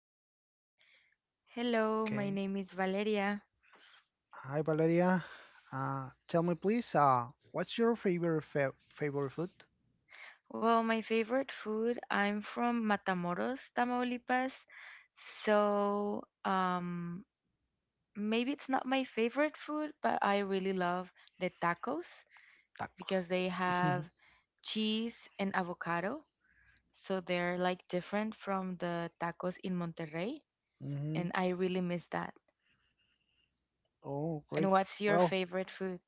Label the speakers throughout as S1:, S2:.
S1: Okay. Hello, my
S2: Okay.
S1: name is Valeria.
S2: Hi, Valeria. Tell me, please, what's your favorite fa favorite food?
S1: Well, my favorite food, I'm from Matamoros, Tamaulipas. So, um, Maybe it's not my favorite food, but I really love the tacos
S2: Tacos.
S1: because they have cheese and avocado. So they're like different from the tacos in Monterrey,
S2: hmm
S1: and I really miss that.
S2: Oh, great.
S1: And what's
S2: Well,
S1: your favorite food?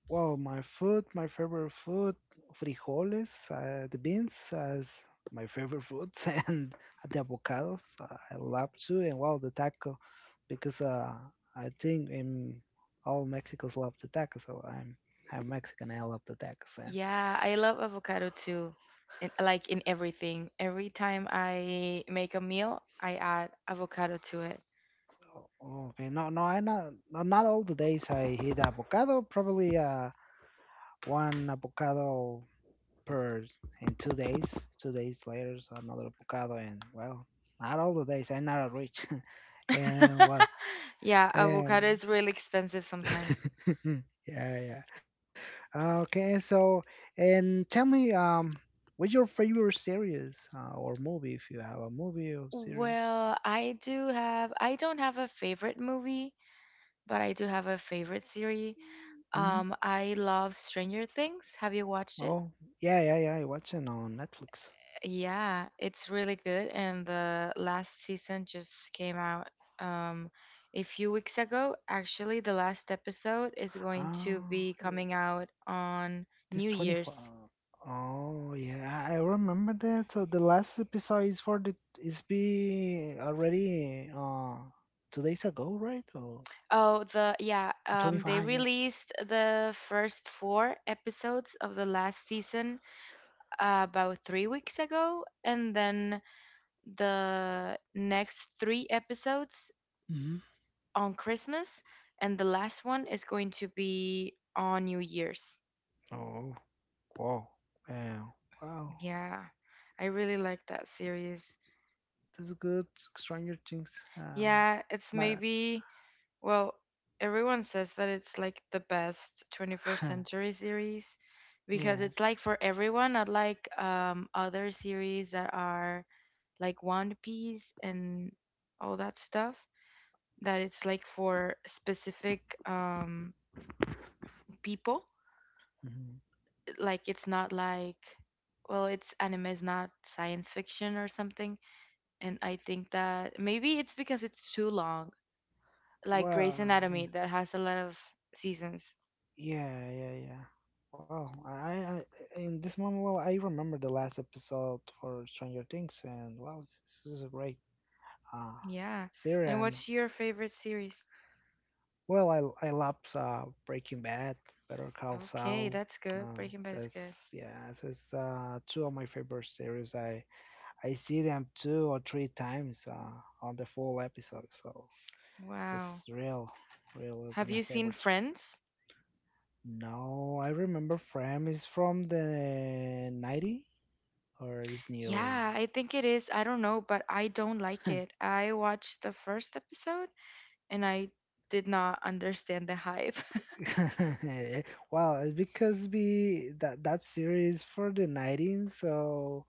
S2: well, my food, my favorite food, frijoles, the beans as my favorite food, and the avocados. I love too, and well, the taco, because I think in all Mexicans love the taco, so I'm Mexican. I love the tacos, and.
S1: Yeah, I love avocado too. In, like in everything. Every time I make a meal, I add avocado to it.
S2: Oh, okay. No, I not no, not all the days I eat avocado. Probably one avocado per in 2 days. 2 days later, so another avocado, and well, not all the days. I'm not a rich, and
S1: Yeah, avocado
S2: um,
S1: is really expensive sometimes.
S2: yeah. Okay, so and tell me, what's your favorite series or movie? If you have a movie or series,
S1: Well, I don't have a favorite movie, but I do have a favorite series.
S2: hmm
S1: I love Stranger Things. Have you watched it?
S2: oh, yeah. I watch it on Netflix.
S1: Yeah, it's really good. And the last season just came out um, a few weeks ago. Actually, the last episode is going to
S2: Ah.
S1: be coming out on
S2: This
S1: New Year's.
S2: 24. Oh, yeah, I remember that. So the last episode is for the is be already 2 days ago, right? Or the
S1: They
S2: 25, yeah.
S1: released the first four episodes of the last season about 3 weeks ago, and then the next three episodes
S2: hmm
S1: on Christmas, and the last one is going to be on New Year's.
S2: Oh, wow. Yeah. Wow.
S1: Yeah, I really like that series.
S2: This is good. Stranger Things.
S1: Yeah, it's
S2: My,
S1: maybe, well, Everyone says that it's like the best 21st century series because
S2: yeah.
S1: it's like for everyone, not like other series that are like One Piece and all that stuff, that it's like for specific people.
S2: hmm
S1: Like it's not like, it's anime, is not science fiction or something. And I think that maybe it's because it's too long, like Grey's
S2: Well,
S1: Anatomy that has a lot of seasons.
S2: yeah. Wow. In this moment, well, I remember the last episode for Stranger Things, and wow, this is great. Uh,
S1: Yeah. And what's
S2: Serum.
S1: your favorite series?
S2: Well, I love Breaking Bad, Better Call
S1: Okay,
S2: Saul.
S1: that's good.
S2: Uh,
S1: Breaking Bad is
S2: that's
S1: good.
S2: yeah, this is two of my favorite series. I see them two or three times on the full episode, so
S1: Wow.
S2: it's real, real it's
S1: Have
S2: my
S1: you seen
S2: favorites.
S1: Friends?
S2: No, I remember Fram is from the 90 or is new.
S1: Yeah, I think it is. I don't know, but I don't like it. I watched the first episode and I did not understand the hype.
S2: Well, it's because we that that series for the 90s, so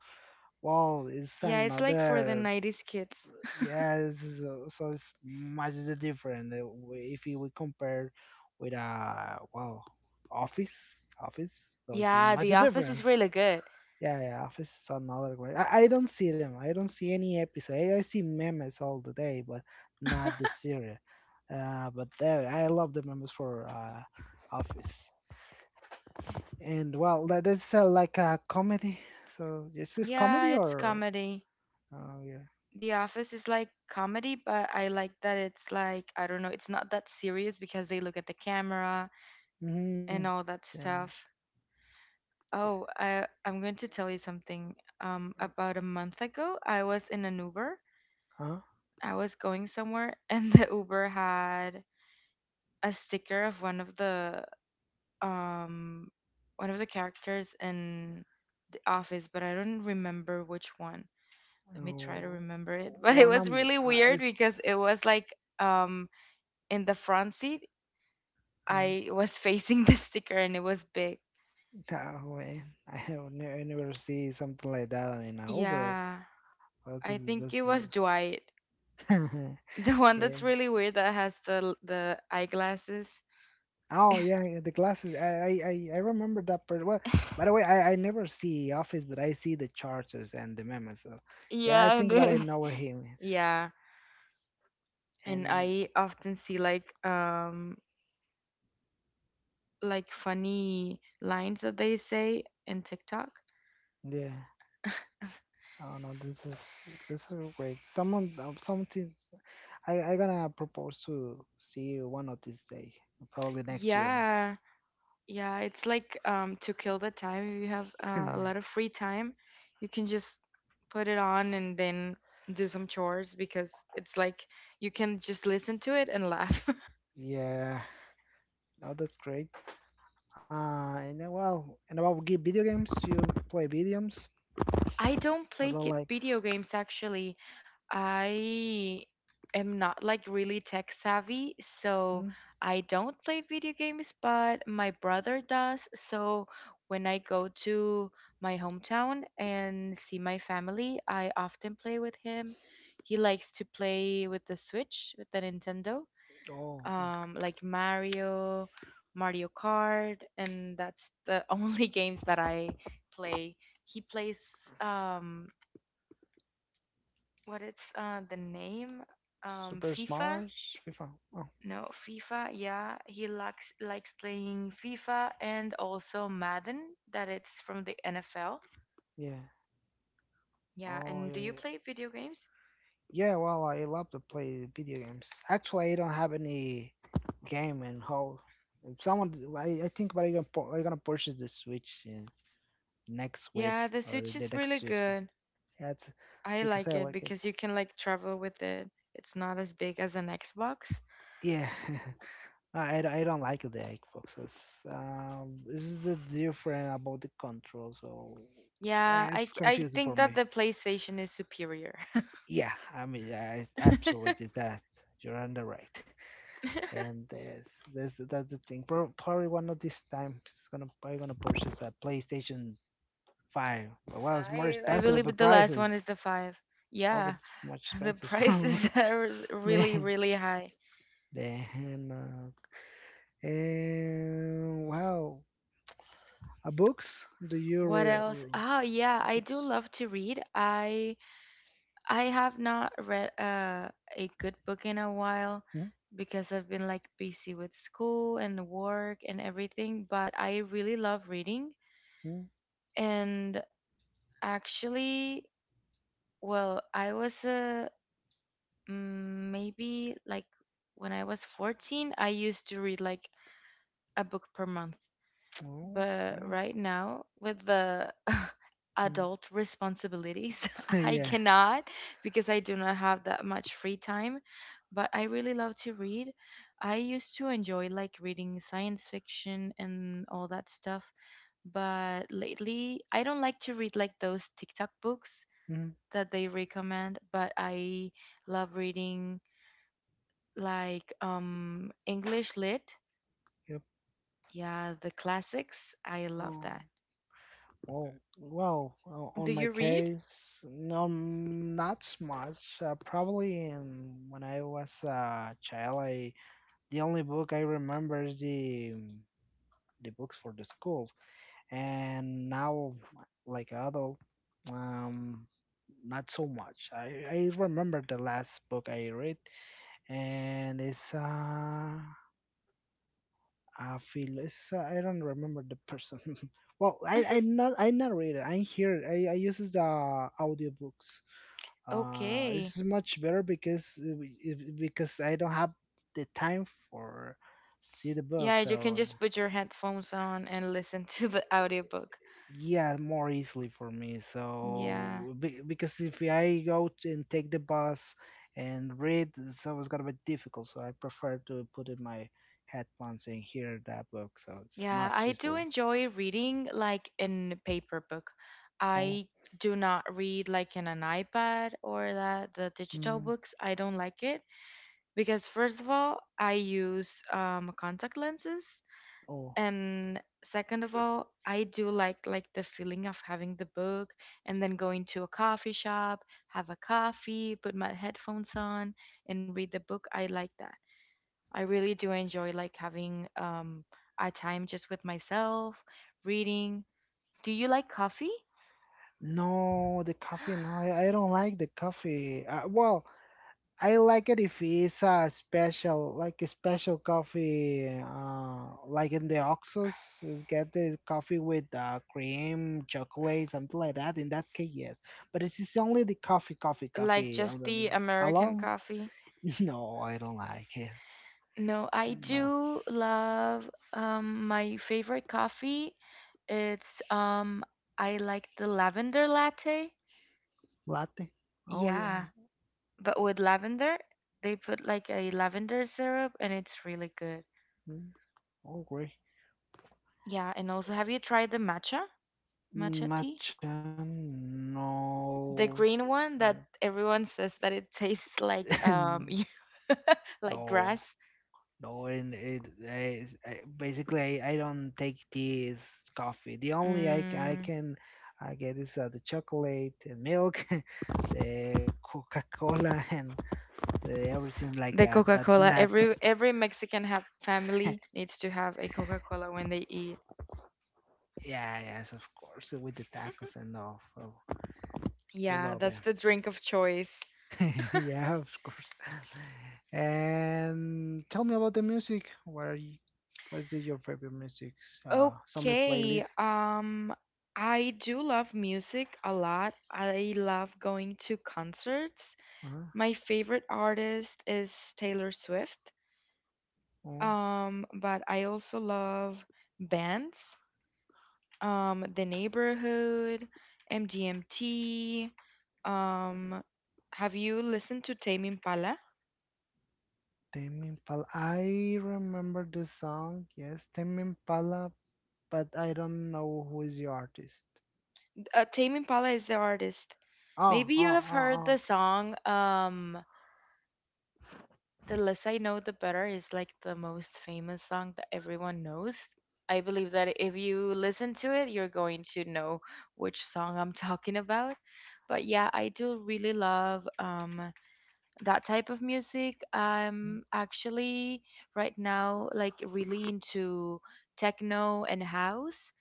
S2: well, it's
S1: Yeah, it's like for the
S2: another.
S1: 90s kids.
S2: Yes, so it's much the different if we compare with well, office, office. So it's
S1: Yeah,
S2: much
S1: The
S2: the
S1: Office is
S2: difference.
S1: really good.
S2: Yeah, office is another great. I don't see them. I don't see any episode. I see memes all the day, but not the series. I love the memes for office. And well, that is like a comedy. So this is this
S1: Yeah,
S2: comedy
S1: it's
S2: or
S1: comedy.
S2: oh yeah.
S1: The Office is like comedy, but I like that it's like, I don't know, it's not that serious because they look at the camera
S2: Mhm.
S1: and all that
S2: Yeah.
S1: stuff. Oh, I'm going to tell you something.
S2: yeah.
S1: About a month ago, I was in an Uber.
S2: Huh?
S1: I was going somewhere, and the Uber had a sticker of um one of the characters in The Office, but I don't remember which one. Let me try to
S2: Oh,
S1: remember it. But it
S2: one
S1: was really weird because
S2: it's
S1: it was like um in the front seat,
S2: uh,
S1: I was facing the sticker and it was big.
S2: that way. I have never, never see something like that in a Uber.
S1: Yeah,
S2: Oh, That's,
S1: I think
S2: that's
S1: it
S2: new.
S1: was Dwight, the one
S2: yeah.
S1: that's really weird that has the eyeglasses.
S2: Oh yeah, the glasses. I remember that part. Well, by the way, I never see Office, but I see the charters and the memes. So yeah, I
S1: Yeah, and
S2: think what I
S1: then
S2: know what him is.
S1: yeah, and
S2: And
S1: I often see like funny lines that they say in TikTok.
S2: yeah. I don't know. This is great. Someone something I gonna propose to see you one of these day, probably next year.
S1: Yeah, Yeah, it's like to kill the time. If you have a lot of free time, you can just put it on and then do some chores because it's like you can just listen to it and laugh.
S2: Yeah, no, that's great. And then, well, and about video games, you play video games?
S1: I
S2: Or
S1: don't
S2: not
S1: play
S2: like,
S1: video games actually. I am not like really tech savvy,
S2: hmm?
S1: so I don't play video games, but my brother does. So when I go to my hometown and see my family, I often play with him. He likes to play with the Switch, with the Nintendo
S2: Oh, well,
S1: like Mario, Mario Kart, and that's the only games that I play. He plays um, what it's the name
S2: Super
S1: FIFA.
S2: Smash, FIFA. Oh,
S1: No, FIFA. Yeah, he likes playing FIFA and also Madden. That it's from the NFL.
S2: yeah.
S1: Yeah,
S2: Oh,
S1: and do you play video games?
S2: Yeah, well, I love to play video games. Actually, I don't have any game in whole. If someone, I think, but I'm gonna purchase the Switch next week
S1: Yeah, the
S2: or
S1: Switch
S2: the
S1: is
S2: next
S1: really
S2: year.
S1: good.
S2: That's
S1: I
S2: because
S1: like
S2: I
S1: it
S2: like it.
S1: because you can like travel with it. It's not as big as an Xbox.
S2: Yeah, I don't like the Xboxes. This is the different about the control, so
S1: Yeah, I
S2: it's
S1: I
S2: confusing
S1: think
S2: for
S1: that
S2: me.
S1: the PlayStation is superior.
S2: Yeah, I mean, I it's absolutely that. You're on the right, and that's the thing. Probably one of these times, it's gonna probably gonna purchase a PlayStation Five, but well, it's more
S1: Five. I
S2: expensive. The
S1: believe the last
S2: prices,
S1: one is the five.
S2: oh,
S1: Yeah,
S2: it's much
S1: the
S2: expensive.
S1: prices are really,
S2: Man,
S1: really high.
S2: then And wow, a books? Do you
S1: What
S2: read
S1: else? Oh, yeah, I do
S2: books?
S1: love to read. I have not read a good book in a while
S2: Hmm?
S1: because I've been like busy with school and work and everything, but I really love reading.
S2: Hmm?
S1: And actually, well, I was Mm, maybe like when I was 14, I used to read like a book per month.
S2: Oh,
S1: But
S2: well.
S1: right now, with the
S2: Hmm.
S1: adult responsibilities, I
S2: yeah.
S1: cannot because I do not have that much free time. But I really love to read. I used to enjoy like reading science fiction and all that stuff. But lately, I don't like to read like those TikTok books
S2: Hmm.
S1: that they recommend, but I love reading like English lit.
S2: Yep.
S1: Yeah, the classics. I love
S2: Oh.
S1: that.
S2: Wow. Wow. On
S1: Do
S2: my
S1: you read?
S2: case, no, not so much. When I was a child, I the only book I remember is the books for the school. And now like adult um not so much i remember the last book I read and it's I feel it's I don't remember the person well I not read it I hear i uses the audiobooks
S1: Okay.
S2: it's much better because because I don't have the time for see the book
S1: Yeah, you can
S2: so
S1: just put your headphones on and listen to the audiobook.
S2: yeah, more easily for me.
S1: Yeah.
S2: So because if I go to and take the bus and read, so it's gonna be difficult. So I prefer to put in my headphones and hear that book. So it's
S1: Yeah,
S2: much
S1: I do
S2: easily.
S1: enjoy reading like in paper book.
S2: Oh,
S1: I do not read like in an iPad or that the digital
S2: mm,
S1: books. I don't like it because first of all, I use contact lenses
S2: oh.
S1: and second of all, I do like the feeling of having the book and then going to a coffee shop, have a coffee, put my headphones on and read the book. I like that. I really do enjoy like having a time just with myself reading. Do you like coffee?
S2: No, the coffee. No, I don't like the coffee. Well, I like it if it's a special, like a special coffee, like in the Oxos, is get the coffee with cream, chocolate, something like that. In that case, yes. But it's just only the
S1: Like
S2: coffee
S1: just the american
S2: alone.
S1: coffee?
S2: No, I don't like it.
S1: No, I
S2: And
S1: do love my favorite coffee, it's I like the lavender latte.
S2: latte. Oh yeah.
S1: Yeah, but with lavender, they put like a lavender syrup and it's really good.
S2: Mm, oh great.
S1: Yeah, and also, have you tried the matcha? Matcha tea?
S2: Matcha. No.
S1: The green
S2: No.
S1: one that everyone says that it tastes like like
S2: no.
S1: grass.
S2: No, and it, I don't take tea is coffee. The only I, ca- I
S1: Mm,
S2: can I get is the chocolate and milk, the Coca-Cola and the, everything like
S1: the
S2: that. But
S1: Coca-Cola.
S2: not
S1: Every Mexican have family needs to have a Coca-Cola when they eat.
S2: yeah, yes, of course with the tacos and all. So we
S1: Yeah,
S2: love it.
S1: that's the drink of choice.
S2: yeah, of course. And tell me about the music. What's your favorite music? Summer
S1: Okay.
S2: playlist.
S1: I do love music a lot. I love going to concerts.
S2: Uh-huh.
S1: My favorite artist is Taylor Swift.
S2: Oh.
S1: But I also love bands. The Neighborhood, MGMT. Um, have you listened to Tame Impala?
S2: Tame Impala. I remember the song. Yes, Tame Impala, but I don't know who is the artist.
S1: Tame Impala is the artist.
S2: Ah,
S1: Maybe you
S2: ah,
S1: have
S2: ah,
S1: heard
S2: ah.
S1: the song. The Less I Know, the Better is like the most famous song that everyone knows. I believe that if you listen to it, you're going to know which song I'm talking about. But yeah, I do really love that type of music. I'm actually right now like really into techno and house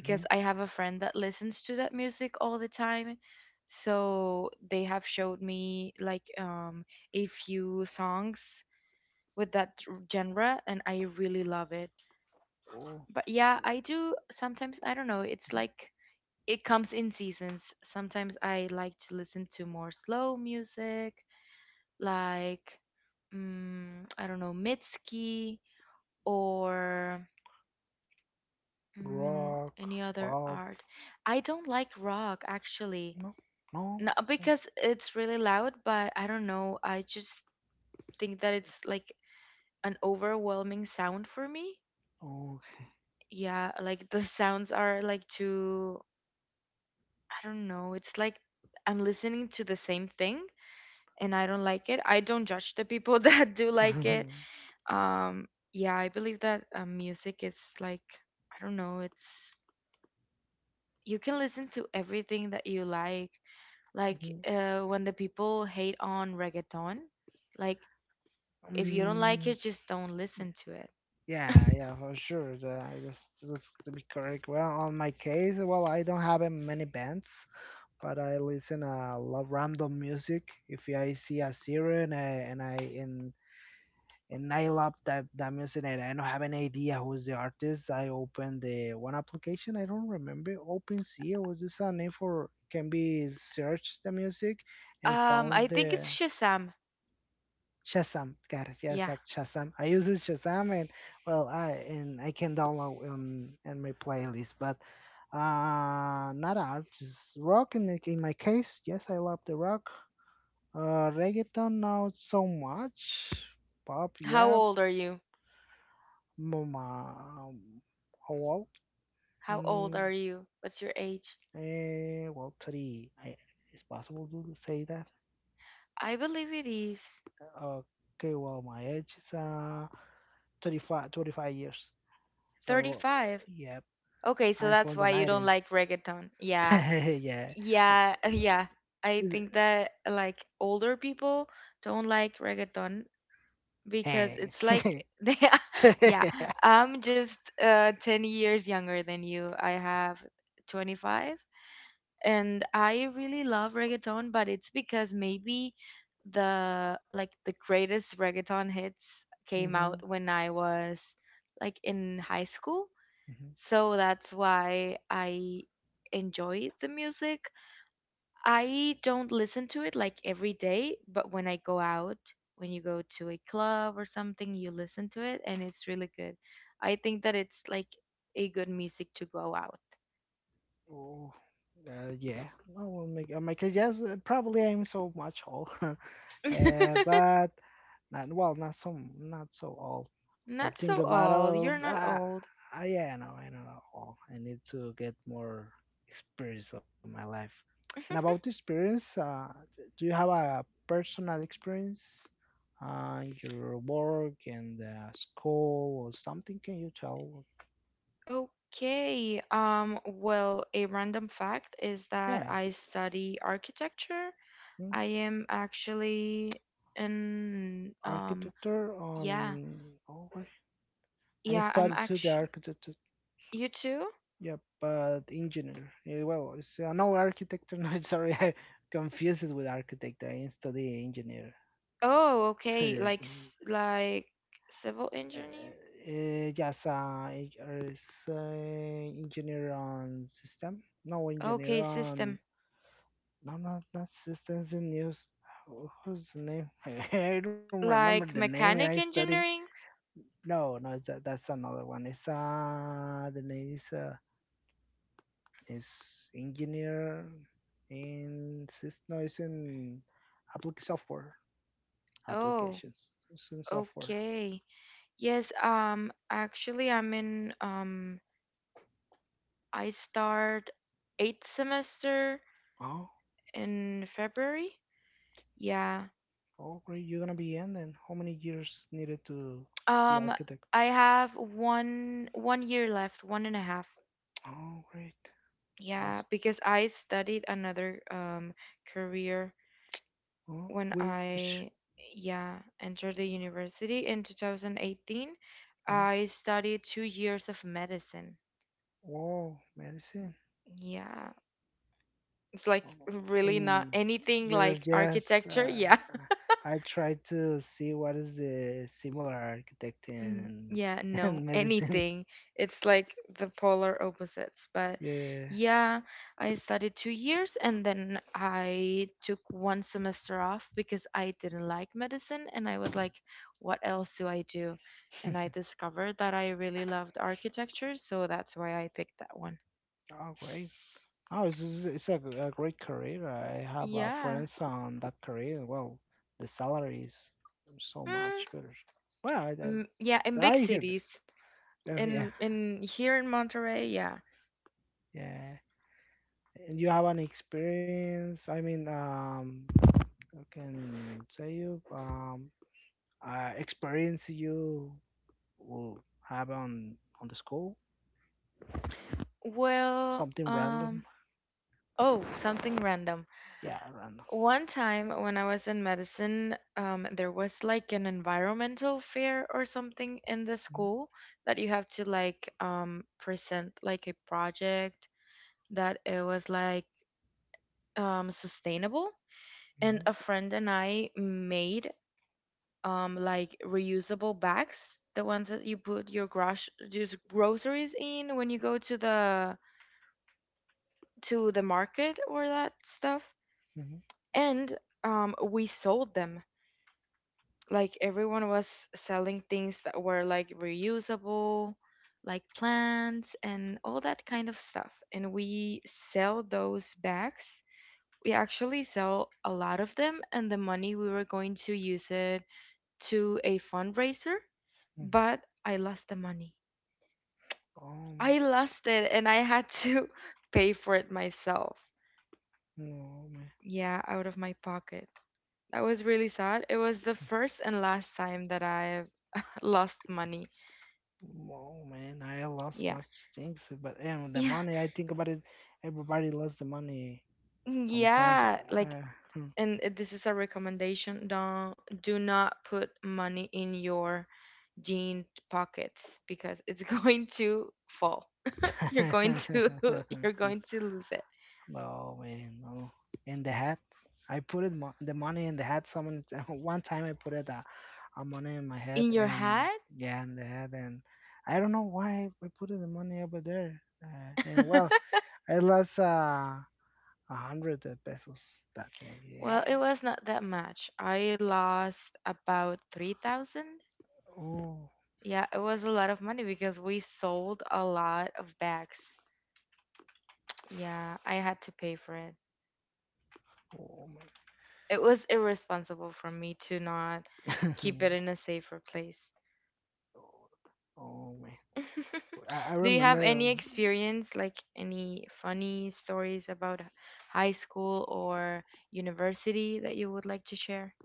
S2: Mm-hmm.
S1: I have a friend that listens to that music all the time. So they have showed me like a few songs with that genre and I really love it.
S2: Oh,
S1: But yeah, I do sometimes, I don't know, it's like it comes in seasons. Sometimes I like to listen to more slow music, like I don't know, Mitski, or
S2: rock,
S1: any other
S2: pop.
S1: art. I don't like rock actually.
S2: No, no.
S1: Not because it's really loud, but I don't know, I just think that it's like an overwhelming sound for me.
S2: Oh, okay.
S1: Yeah, like the sounds are like too, I don't know. It's like I'm listening to the same thing and I don't like it. I don't judge the people that do like it. Um, yeah, I believe that music is like, I don't know, it's you can listen to everything that you like. Like
S2: Mhm.
S1: when the people hate on reggaeton, like if you don't like
S2: Mm,
S1: it, just don't listen to it.
S2: yeah, for sure. That's to be correct. Well, on my case, well, I don't have many bands. But I listen a lot random music. If I see a singer and I and and I love that music and I don't have any idea who's the artist, I open the one application. I don't remember OpenSea was this a name for can be search the music and
S1: I
S2: found
S1: think
S2: the
S1: it's Shazam.
S2: Shazam. God, yes,
S1: Yeah.
S2: that's Shazam. I use it Shazam and well, I and I can download in my playlist, but not art, just rock in, in my case yes I love the rock reggaeton now so much. Pop,
S1: How
S2: yeah.
S1: old are you?
S2: Mama, well,
S1: How old
S2: mm,
S1: are you? What's your age?
S2: eh, well, it's possible to say that.
S1: I believe it is
S2: Okay, well, my age is 25, 25 years. So,
S1: 35.
S2: yeah,
S1: Okay, so
S2: I'm
S1: that's
S2: from the
S1: why you don't
S2: 90s.
S1: like reggaeton. Yeah.
S2: yeah. Oh,
S1: Yeah, yeah. I
S2: is
S1: think
S2: it-
S1: that like older people don't like reggaeton because
S2: Hey.
S1: it's like they yeah, I'm just 10 years younger than you. I have 25 and I really love reggaeton, but it's because maybe the like the greatest reggaeton hits came out
S2: hmm
S1: when I was like in high school. So that's why I enjoy the music. I don't listen to it like every day, but when I go out, when you go to a club or something, you listen to it and it's really good. I think that it's like a good music to go out.
S2: Oh, yeah. No, well, Michael Jackson. Probably I'm so much old, but not well, not so, not so old. I
S1: Not
S2: think
S1: so
S2: about
S1: old. You're not old.
S2: yeah, no, I don't know. Oh, I need to get more experience of my life. And about the experience, do you have a personal experience in your work and school or something? Can you tell?
S1: Okay. Well, a random fact is that
S2: Yeah,
S1: I study architecture.
S2: mm,
S1: I am actually an
S2: architecture on.
S1: Yeah.
S2: Oh, I
S1: Yeah, I'm
S2: studied to the
S1: actually,
S2: architect,
S1: you too?
S2: yeah, but engineer. Well, it's, no architect. No, sorry, I confused it with architect. I study engineer.
S1: Oh, okay. Like s- like civil engineer?
S2: Yes, I is engineer on system. No engineer
S1: Okay,
S2: on
S1: system.
S2: no no not systems in news. Who's the name? I don't remember the
S1: Like
S2: name. I
S1: mechanic
S2: study.
S1: engineering?
S2: No, no, it's that, that's another one. It's the name is engineer in system is in applic software
S1: Oh,
S2: applications. It's in software.
S1: okay. Yes, actually I'm in I start eighth semester
S2: Oh,
S1: in February. Yeah.
S2: oh great, you're gonna be in then. How many years needed to be
S1: Um
S2: architect?
S1: I have one year left, one and a half.
S2: Oh great.
S1: Yeah,
S2: Awesome.
S1: because I studied another career
S2: Oh,
S1: when
S2: which
S1: I yeah, entered the university in 2018.
S2: mhm.
S1: I studied 2 years of medicine.
S2: Oh, medicine.
S1: Yeah, it's like
S2: Oh,
S1: really not
S2: and
S1: anything
S2: you're
S1: like
S2: just
S1: architecture. Yeah.
S2: I tried to see what is the similar architect in
S1: Yeah, no,
S2: and medicine.
S1: anything. It's like the polar opposites. But
S2: Yeah.
S1: yeah, I studied 2 years and then I took one semester off because I didn't like medicine and I was like, what else do I do? And I discovered that I really loved architecture, so that's why I picked that one.
S2: Oh, great. Oh, a great career. I have
S1: Yeah.
S2: friends on that career. Well, the salary is so
S1: Mm,
S2: much better. Well, I,
S1: mm, yeah, in big
S2: I hear that.
S1: cities.
S2: Oh, yeah,
S1: In here in Monterrey, yeah.
S2: yeah. And you have an experience. I mean, I can say you experience you will have on the school
S1: Well,
S2: something random.
S1: oh, something random.
S2: Yeah, random.
S1: One time when I was in medicine, there was like an environmental fair or something in the
S2: Mm-hmm,
S1: school that you have to like present like a project that it was like sustainable.
S2: mm-hmm,
S1: And a friend and I made like reusable bags, the ones that you put your grosh just groceries in when you go to the market or that stuff.
S2: mm-hmm.
S1: And we sold them, like everyone was selling things that were like reusable, like plants and all that kind of stuff. And we sell those bags. We actually sell a lot of them, and the money we were going to use it to a fundraiser,
S2: mm-hmm.
S1: but I lost the money.
S2: Oh my,
S1: I lost it and I had to pay for it myself.
S2: no, man.
S1: Yeah, out of my pocket. That was really sad. It was the first and last time that I've lost money.
S2: Wow, man, I lost
S1: Yeah.
S2: much things, but and the
S1: Yeah.
S2: money I think about it, everybody lost the money sometimes.
S1: Yeah, like and this is a recommendation. Don't, do not put money in your jean pockets because it's going to fall. You're going to
S2: I
S1: you're going to lose it.
S2: no, man, no. In the hat, I put it mo- the money in the hat. Someone one time I put it a money in my hat
S1: In your
S2: and
S1: hat?
S2: yeah, in the hat, and I don't know why I put the money over there. And well, I lost a hundred pesos that day. Yeah.
S1: Well, it was not that much. I lost about 3,000.
S2: Oh.
S1: Yeah, it was a lot of money because we sold a lot of bags. Yeah, I had to pay for it.
S2: Oh, my.
S1: It was irresponsible for me to not
S2: oh,
S1: keep it in a safer place.
S2: oh man, I
S1: Do you have
S2: remember.
S1: any experience, like any funny stories about high school or university that you would like to share?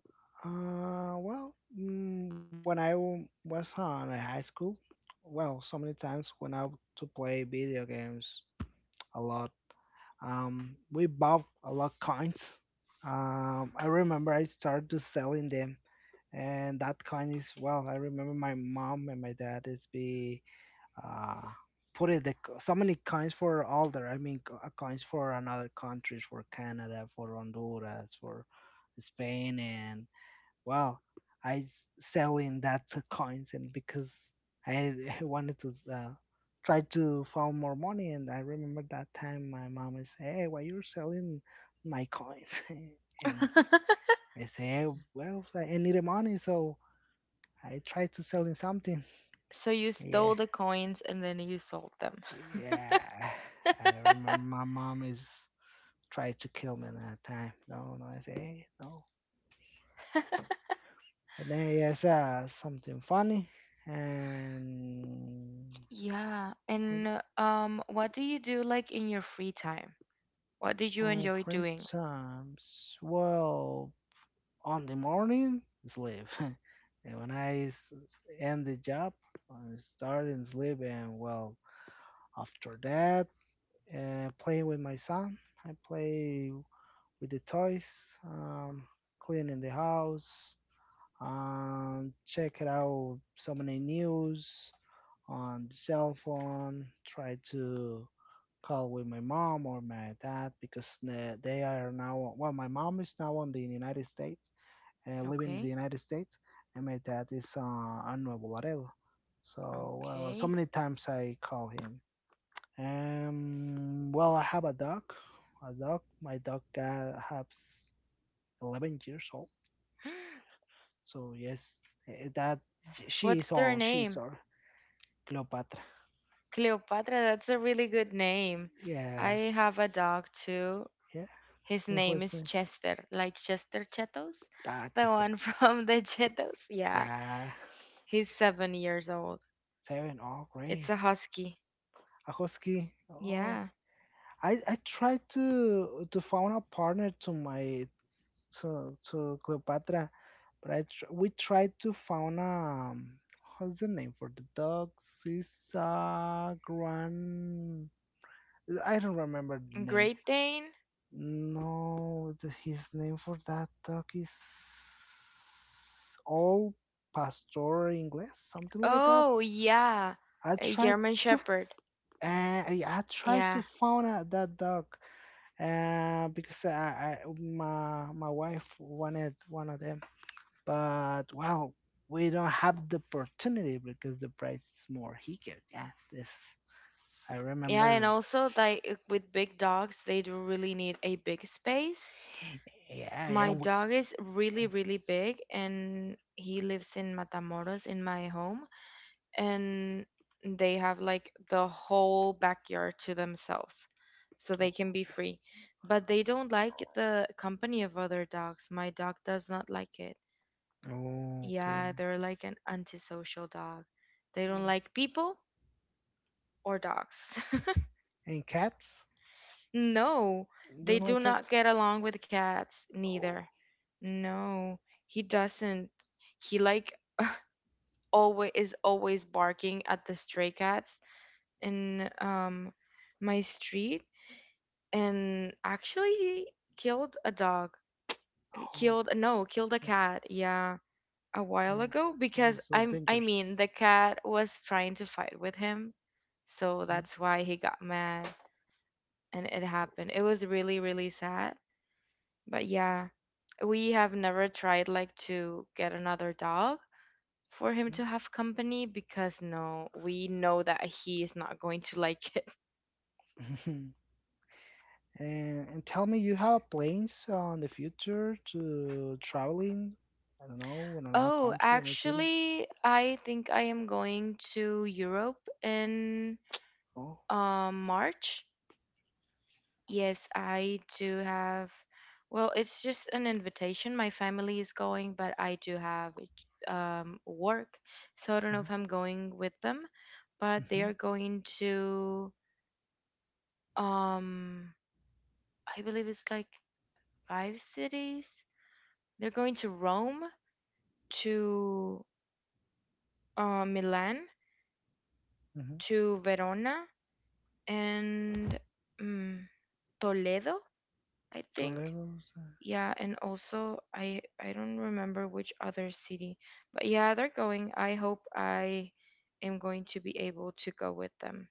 S2: Well, when was on a high school, well, so many times when to play video games a lot, we bought a lot coins. I remember I started to selling them, and that coin is well. I remember my mom and my dad is be uh, put it the so many coins for older. I mean, coins for another countries, for Canada, for Honduras, for Spain, and well, selling that to coins, and because I wanted to try to found more money. And I remember that time my mom is, hey, why you're selling my coins, and s- I say, "Eh, well, I need the money, so I tried to selling something,
S1: So you
S2: yeah.
S1: stole the coins and then you sold them.
S2: Yeah, I remember my mom is tried to kill me that time. No, no, I say, "Hey, no. But then yes, something funny and
S1: Yeah,
S2: what
S1: and what do you do like in your free time? What did you
S2: on
S1: enjoy
S2: free
S1: doing?
S2: times. Well, on the morning sleep, and end the job, I start in sleep, and well, after that, playing with my son. I play with the toys, um, cleaning the house. Check it out so many news on the cell phone. Try to call with my mom or my dad because they are now. Well, my mom is now on the United States, living in
S1: Okay,
S2: the United States, and my dad is on Nuevo Laredo. So, well, so
S1: okay.
S2: many times I call him. Well, I have a dog. A dog. My dog has 11 years old, so yes, eh, that she
S1: What's
S2: is
S1: their
S2: all. She is
S1: name?
S2: all Cleopatra.
S1: Cleopatra, that's a really good name.
S2: Yes.
S1: I have a dog too.
S2: Yeah.
S1: His
S2: And
S1: name
S2: who's
S1: is
S2: the
S1: Chester, like Chester Chetos,
S2: ah
S1: the
S2: Chester?
S1: one
S2: Chester.
S1: from the Chetos. Yeah,
S2: Yeah.
S1: he's 7 years old.
S2: Seven. Oh
S1: It's
S2: great.
S1: a husky.
S2: Ahoski. Oh,
S1: Yeah.
S2: I tried to found a partner to my to Cleopatra, but I tr we tried to found. What's the name for the dogs? Is Gran. I don't remember the name.
S1: Great Dane?
S2: No, the, his name for that dog is All Pastor English, something like that.
S1: Oh, yeah.
S2: I
S1: A
S2: tried
S1: German
S2: to,
S1: Shepherd.
S2: f- I tried to
S1: Yeah.
S2: find out that dog, because I my wife wanted one of them, but well, we don't have the opportunity because the price is more here. Yeah, this I
S1: Yeah, and
S2: remember.
S1: also like with big dogs, they do really need a big space.
S2: Yeah,
S1: My
S2: and we.
S1: dog is really, really big and he lives in Matamoros in my home, and they have like the whole backyard to themselves, so they can be free, but they don't like the company of other dogs. My dog does not like it,
S2: Oh,
S1: yeah.
S2: okay.
S1: They're like an antisocial dog. They don't like people or dogs.
S2: And cats?
S1: No,
S2: You
S1: they
S2: don't like
S1: do not
S2: cats?
S1: get along with cats
S2: Oh,
S1: neither. No, he doesn't. He like always is always barking at the stray cats in my street, and actually killed a dog,
S2: oh,
S1: killed, no, killed a cat, yeah, a
S2: yeah.
S1: while ago
S2: Also so
S1: because
S2: dangerous.
S1: I mean the cat was trying to fight with him, so
S2: Mhm.
S1: that's why he got mad, and it happened. It was really, really sad. But yeah, we have never tried like to get another dog for him to have company because, no, we know that he is not going to like it.
S2: and, and tell me, you have plans on the future to traveling? I don't know, in another
S1: Oh,
S2: country, another city.
S1: actually, I think I am going to Europe in
S2: Oh,
S1: March. Yes, I do have. Well, it's just an invitation. My family is going, but I do have work, so I don't know
S2: mm-hmm,
S1: if I'm going with them, but they
S2: mm-hmm.
S1: are going to, um, I believe it's like five cities. They're going to Rome, to Milan,
S2: Mm-hmm.
S1: to Verona, and mm, Toledo, I think.
S2: Toledo's.
S1: Yeah, and also I don't remember which other city, but yeah, they're going. I hope I am going to be able to go with them.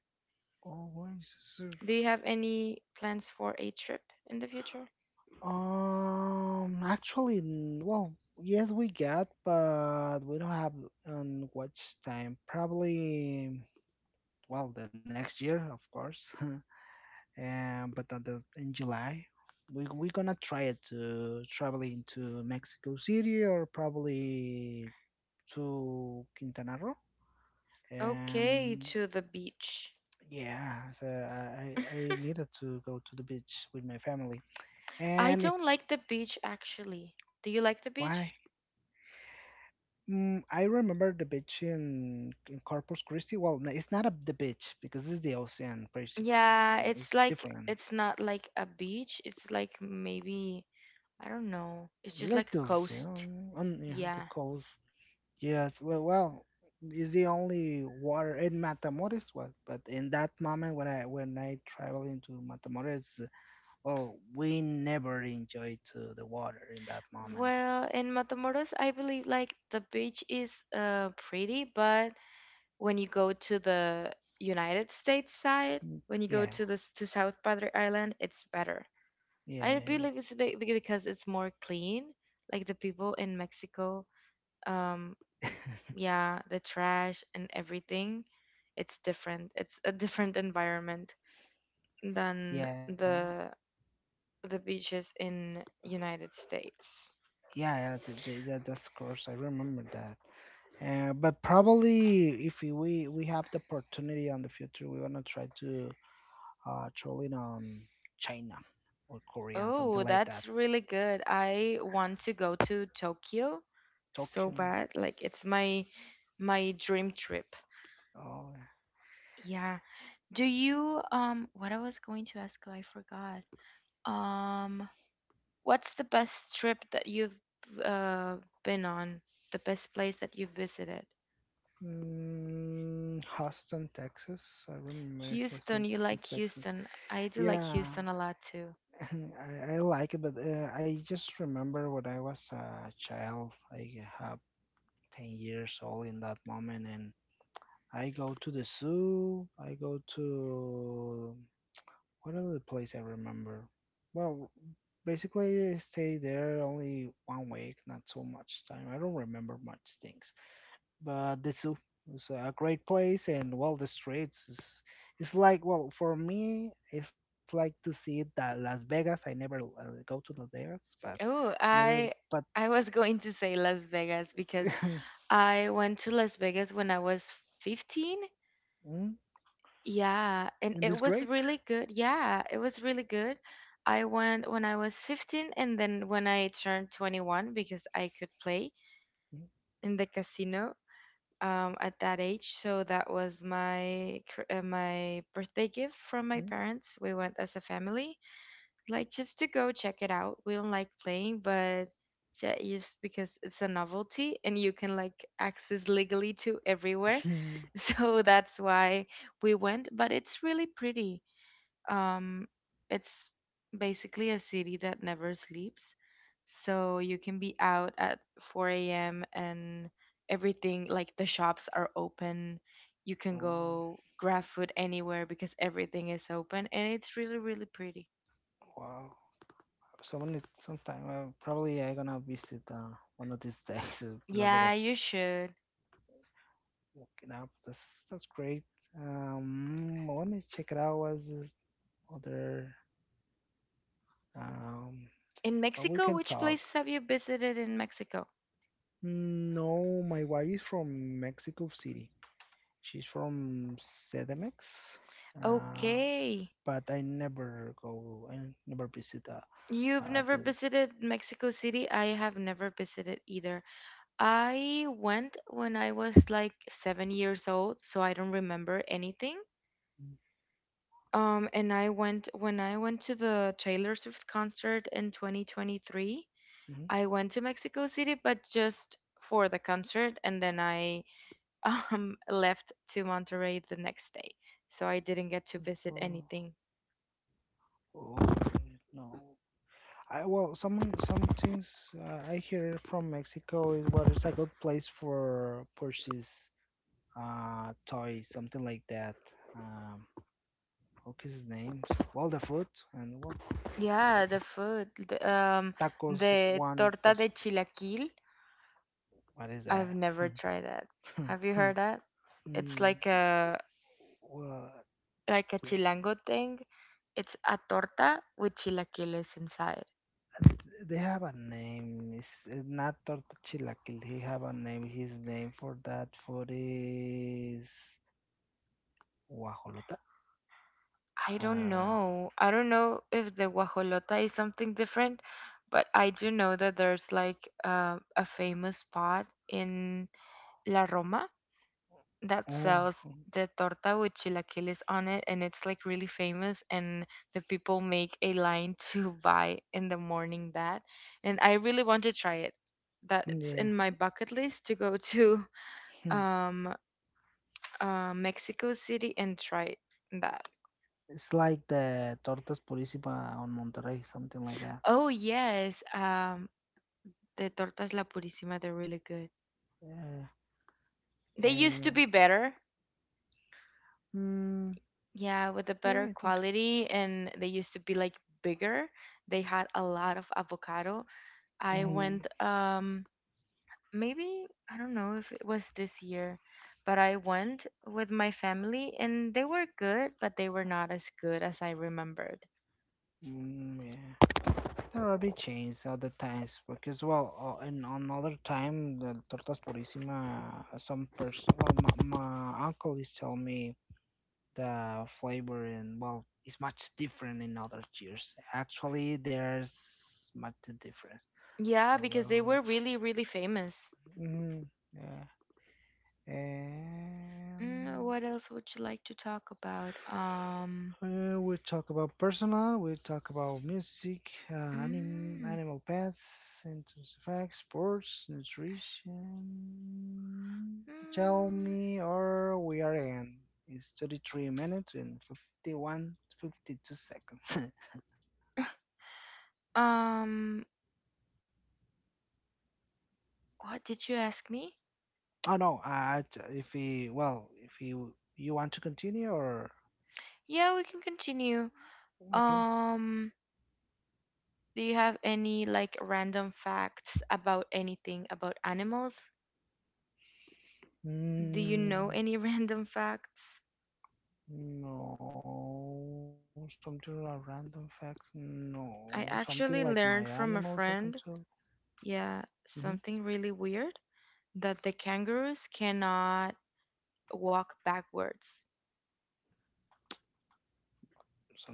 S2: Oh, where is this?
S1: Do you have any plans for a trip in the future?
S2: Actually, well, yes, we got, but we don't have on watch time. Probably. Well, the next year of course. But on the, in July we're gonna try it to traveling to Mexico City or probably to Quintana Roo,
S1: Okay,
S2: um,
S1: to the beach.
S2: yeah. So I needed to go to the beach with my family
S1: I
S2: and if
S1: don't like the beach actually. Do you like the
S2: why.
S1: beach?
S2: Mm, I remember the beach in Corpus Christi. Well, it's not a, the beach because it's the ocean, basically.
S1: Yeah, it's
S2: It's
S1: like
S2: different.
S1: it's not like a beach. It's like maybe I don't know. It's just like a
S2: Latency,
S1: coast.
S2: and yeah, the
S1: Yeah.
S2: coast. Yes, well, well, is the only water in Matamoros. Well, but in that moment when I travel into Matamoros, well, we never enjoyed the water in that moment.
S1: Well, in Matamoros, I believe like the beach is pretty, but when you go to the United States side,
S2: Mm,
S1: when you go
S2: yeah,
S1: to the to South Padre Island, it's better. I
S2: yeah,
S1: believe it's because it's more clean. Like the people in Mexico, um,
S2: yeah,
S1: yeah, the trash and everything, it's different. It's a different environment than
S2: yeah.
S1: the beaches in United States.
S2: Yeah, that, that's course. I remember that. But probably if we have the opportunity on the future, we wanna try to traveling on China or Korea and something
S1: Oh,
S2: like that.
S1: that's really good. I want to go to Tokyo so
S2: Tokyo,
S1: bad. Like it's my dream trip.
S2: oh,
S1: Yeah. Do you um, what I was going to ask, I forgot. Um, what's the best trip that you've uh been on? The best place that you've visited?
S2: mm, Houston, Texas. I remember
S1: Houston,
S2: Houston,
S1: you
S2: Houston,
S1: like
S2: Texas.
S1: Houston. I do like
S2: Yeah,
S1: Houston a lot too.
S2: I like it, but I just remember when I was a child. I have 10 years old in that moment, and I go to the zoo. I go to. What other place I remember? Well, basically I stayed there only one week, not so much time. I don't remember much things. But the zoo is a great place and well the streets is, it's like, well, for me it's like to see that Las Vegas. I never go to Las Vegas, but I
S1: Oh,
S2: never but
S1: I was going to say Las Vegas because I went to Las Vegas when I was 15.
S2: mm,
S1: Yeah, and
S2: it
S1: it
S2: is
S1: was
S2: great.
S1: really good. Yeah, it was really good. I went when I was 15 and then when I turned 21 because I could play in the casino at that age. So that was my my birthday gift from my
S2: Mm,
S1: parents. We went as a family, like just to go check it out. We don't like playing, but just because it's a novelty and you can like access legally to everywhere.
S2: mm.
S1: So that's why we went, but it's really pretty. Um, it's basically a city that never sleeps. So you can be out at 4 a.m. and everything, like the shops are open. You can
S2: Oh
S1: go grab food anywhere because everything is open and it's really, really pretty.
S2: wow. So when it sometime probably I gonna visit one of these days Las
S1: Yeah,
S2: Vegas.
S1: you should.
S2: Woken up. That's great. Well, let me check it out. As other, um,
S1: In
S2: well, we
S1: Mexico,
S2: can
S1: which
S2: talk.
S1: places have you visited in Mexico?
S2: Mm, no, my wife is from Mexico City. She's from Cedemex, uh,
S1: Okay.
S2: but I never go. I never visit
S1: You've never
S2: the.
S1: visited Mexico City? I have never visited either. I went when I was like 7 years old, so I don't remember anything. And I went when I went to the Taylor Swift concert in 2023.
S2: Hmm.
S1: I went to Mexico City, but just for the concert, and then I left to Monterrey the next day, so I didn't get to visit
S2: Oh,
S1: anything.
S2: oh no. I, well, some things I hear from Mexico is what is a good place for purchase Toy, something like that. Um, what is his name? Well, the food and well,
S1: Yeah, the food,
S2: tacos
S1: the
S2: one
S1: torta de
S2: peso.
S1: chilaquil.
S2: What is
S1: I've
S2: that?
S1: never tried that. Have you heard that? It's
S2: Mm, well,
S1: like a chilango thing. It's a torta with chilaquiles inside.
S2: they have a name. It's not torta chilaquil. He have a name. His name for that food is guajolota.
S1: I don't
S2: Uh,
S1: know. I don't know if the guajolota is something different, but I do know that there's like a famous spot in La Roma that
S2: oh,
S1: sells the torta with chilaquiles on it, and it's like really famous. And the people make a line to buy in the morning that, and I really want to try it. That's
S2: yeah.
S1: in my bucket list to go to
S2: Hmm.
S1: um Mexico City and try that.
S2: It's like the tortas purísima on Monterrey, something like that.
S1: Oh yes, the tortas La Purísima, they're really good.
S2: Yeah.
S1: They used to be
S2: And
S1: better,
S2: mm,
S1: yeah, with a
S2: yeah,
S1: better
S2: I think.
S1: quality, and they used to be like bigger. They had a lot of avocado. I went,
S2: Mm,
S1: maybe I don't know if it was this year, but I went with my family, and they were good, but they were not as good as I remembered.
S2: mm, yeah. There will be chains other times because well, and another time the tortas purissima. Some person, well, my uncle is telling me the flavor and well, is much different in other cheers. Actually, there's much difference.
S1: Yeah,
S2: Oh
S1: because they
S2: well.
S1: were really, really famous.
S2: Mm, yeah.
S1: Mm,
S2: And
S1: what else would you like to talk about?
S2: We talk about personal, we talk about music,
S1: Mm,
S2: animal pets, interesting facts, sports, nutrition. Tell
S1: mm,
S2: me, or we are in. It's 33 minutes and 51, 52 seconds.
S1: um, what did you ask me?
S2: Oh no, if we, well, if you want to continue or
S1: Yeah, we can continue.
S2: okay.
S1: Um, do you have any like random facts about anything about animals? Do you know
S2: Mm.
S1: any random facts?
S2: No, something like random facts. No,
S1: I
S2: something like
S1: actually
S2: my
S1: learned
S2: animals.
S1: from a
S2: I can tell.
S1: friend, yeah,
S2: Hmm.
S1: something really weird, that the kangaroos cannot walk backwards.
S2: Some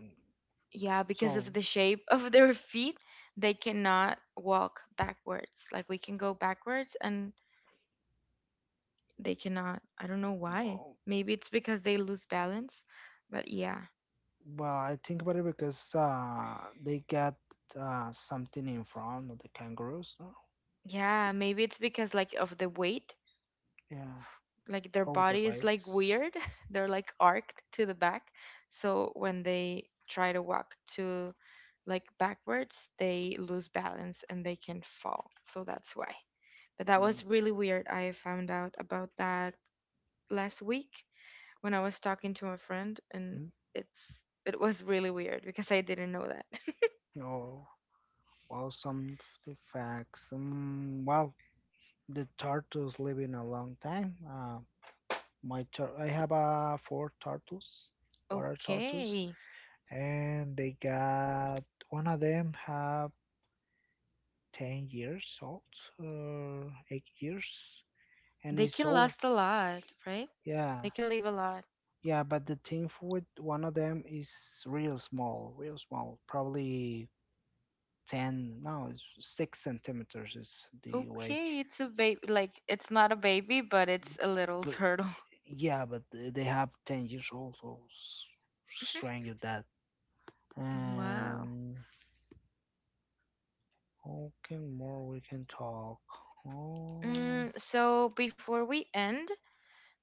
S1: Yeah, because
S2: so
S1: of the shape of their feet, they cannot walk backwards. Like we can go backwards and they cannot. I don't know why.
S2: no.
S1: Maybe it's because they lose balance. But yeah.
S2: Well, I think about it because they got something in front of the cangaroos. No?
S1: Yeah, maybe it's because like of the weight.
S2: Yeah,
S1: Like their
S2: all the
S1: body is like
S2: wakes.
S1: weird. They're like arced to the back. So when they try to walk to like backwards, they lose balance and they can fall. So that's why. But that was
S2: Mm.
S1: really weird. I found out about that last week when I was talking to a friend, and
S2: Mhm.
S1: it was really weird because I didn't know that.
S2: Oh, well, some of the facts. Well, the turtles living a long time. My tur I have four turtles. What are turtles?
S1: Okay.
S2: And they got one of them have 10 years old or 8 years and
S1: They
S2: it's
S1: can
S2: old.
S1: last a lot, right? They
S2: Yeah,
S1: can live a lot.
S2: yeah, but the thing with one of them is real small, probably 10, no, it's 6 centimeters is the wake.
S1: Okay, it's a baby. Like, it's not a baby, but it's a little
S2: But
S1: turtle.
S2: yeah, but they have 10 years old, so strange with that.
S1: Wow.
S2: And okay, more we can talk, um
S1: Mm, so, before we end,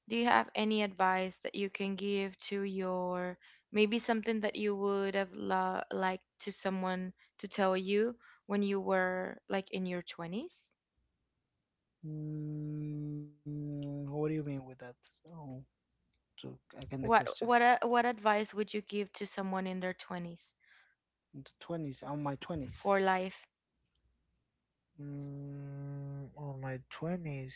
S1: do you have any advice that you can give to your, maybe something that you would have liked to someone to tell you when you were like in your 20s?
S2: mm. what do you mean with that? Oh, so again the question.
S1: What what advice would you give to someone in their 20s
S2: In the 20s, on my twenties.
S1: for life?
S2: Mm, on my twenties,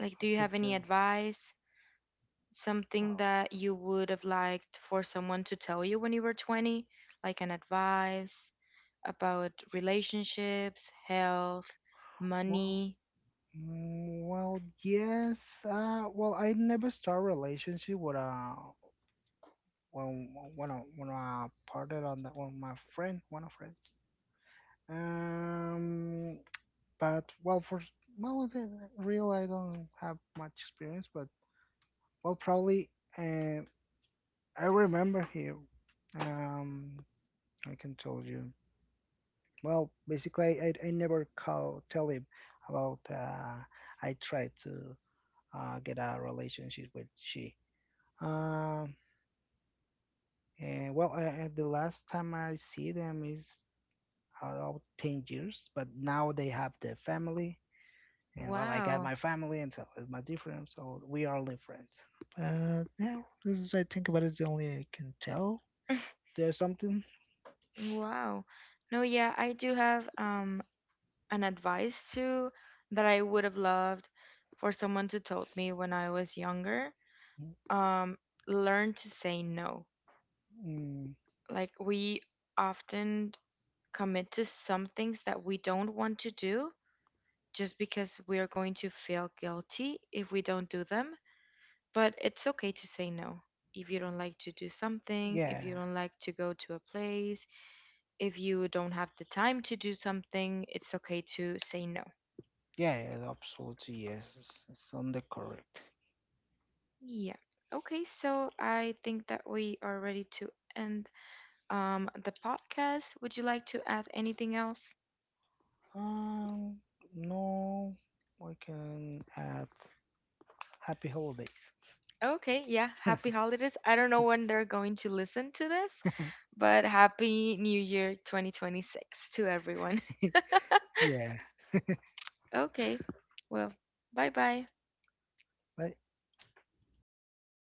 S1: Like
S2: I
S1: do you
S2: can
S1: have
S2: tell.
S1: any advice, something
S2: Oh,
S1: that you would have liked for someone to tell you when you were 20, like an advice about relationships, health,
S2: well,
S1: money?
S2: mm, well, yes. Well, I never start relationship with a when I parted on that one my friend, one of friends. Um, but well, for well, the real, I don't have much experience, but. Well, probably. Uh, I remember here. Um, I can tell you. Well, basically, I never call tell him about. I tried to get a relationship with she. Um, and well, the last time I see them is about 10 years, but now they have their family, and well, I got
S1: Wow.
S2: my family, and so is my different. So we are only friends. But yeah, this is, I think about, is the only I can tell. There's something.
S1: Wow. No, yeah, I do have an advice too that I would have loved for someone to told me when I was younger. Um, learn to say no.
S2: Mm,
S1: Like we often commit to some things that we don't want to do just because we are going to feel guilty if we don't do them. But it's okay to say no. If you don't like to do something, if
S2: yeah,
S1: you don't like to go to a place, if you don't have the time to do something, it's okay to say no.
S2: yeah, yeah, absolutely. Yes, it's on the correct.
S1: Yeah. Okay, so I think that we are ready to end the podcast. Would you like to add anything else?
S2: Um, no, I can add happy holidays.
S1: Okay, yeah. Happy holidays. I don't know when they're going to listen to this, but happy New Year 2026 to everyone.
S2: Yeah,
S1: Okay. Well, bye-bye.
S2: but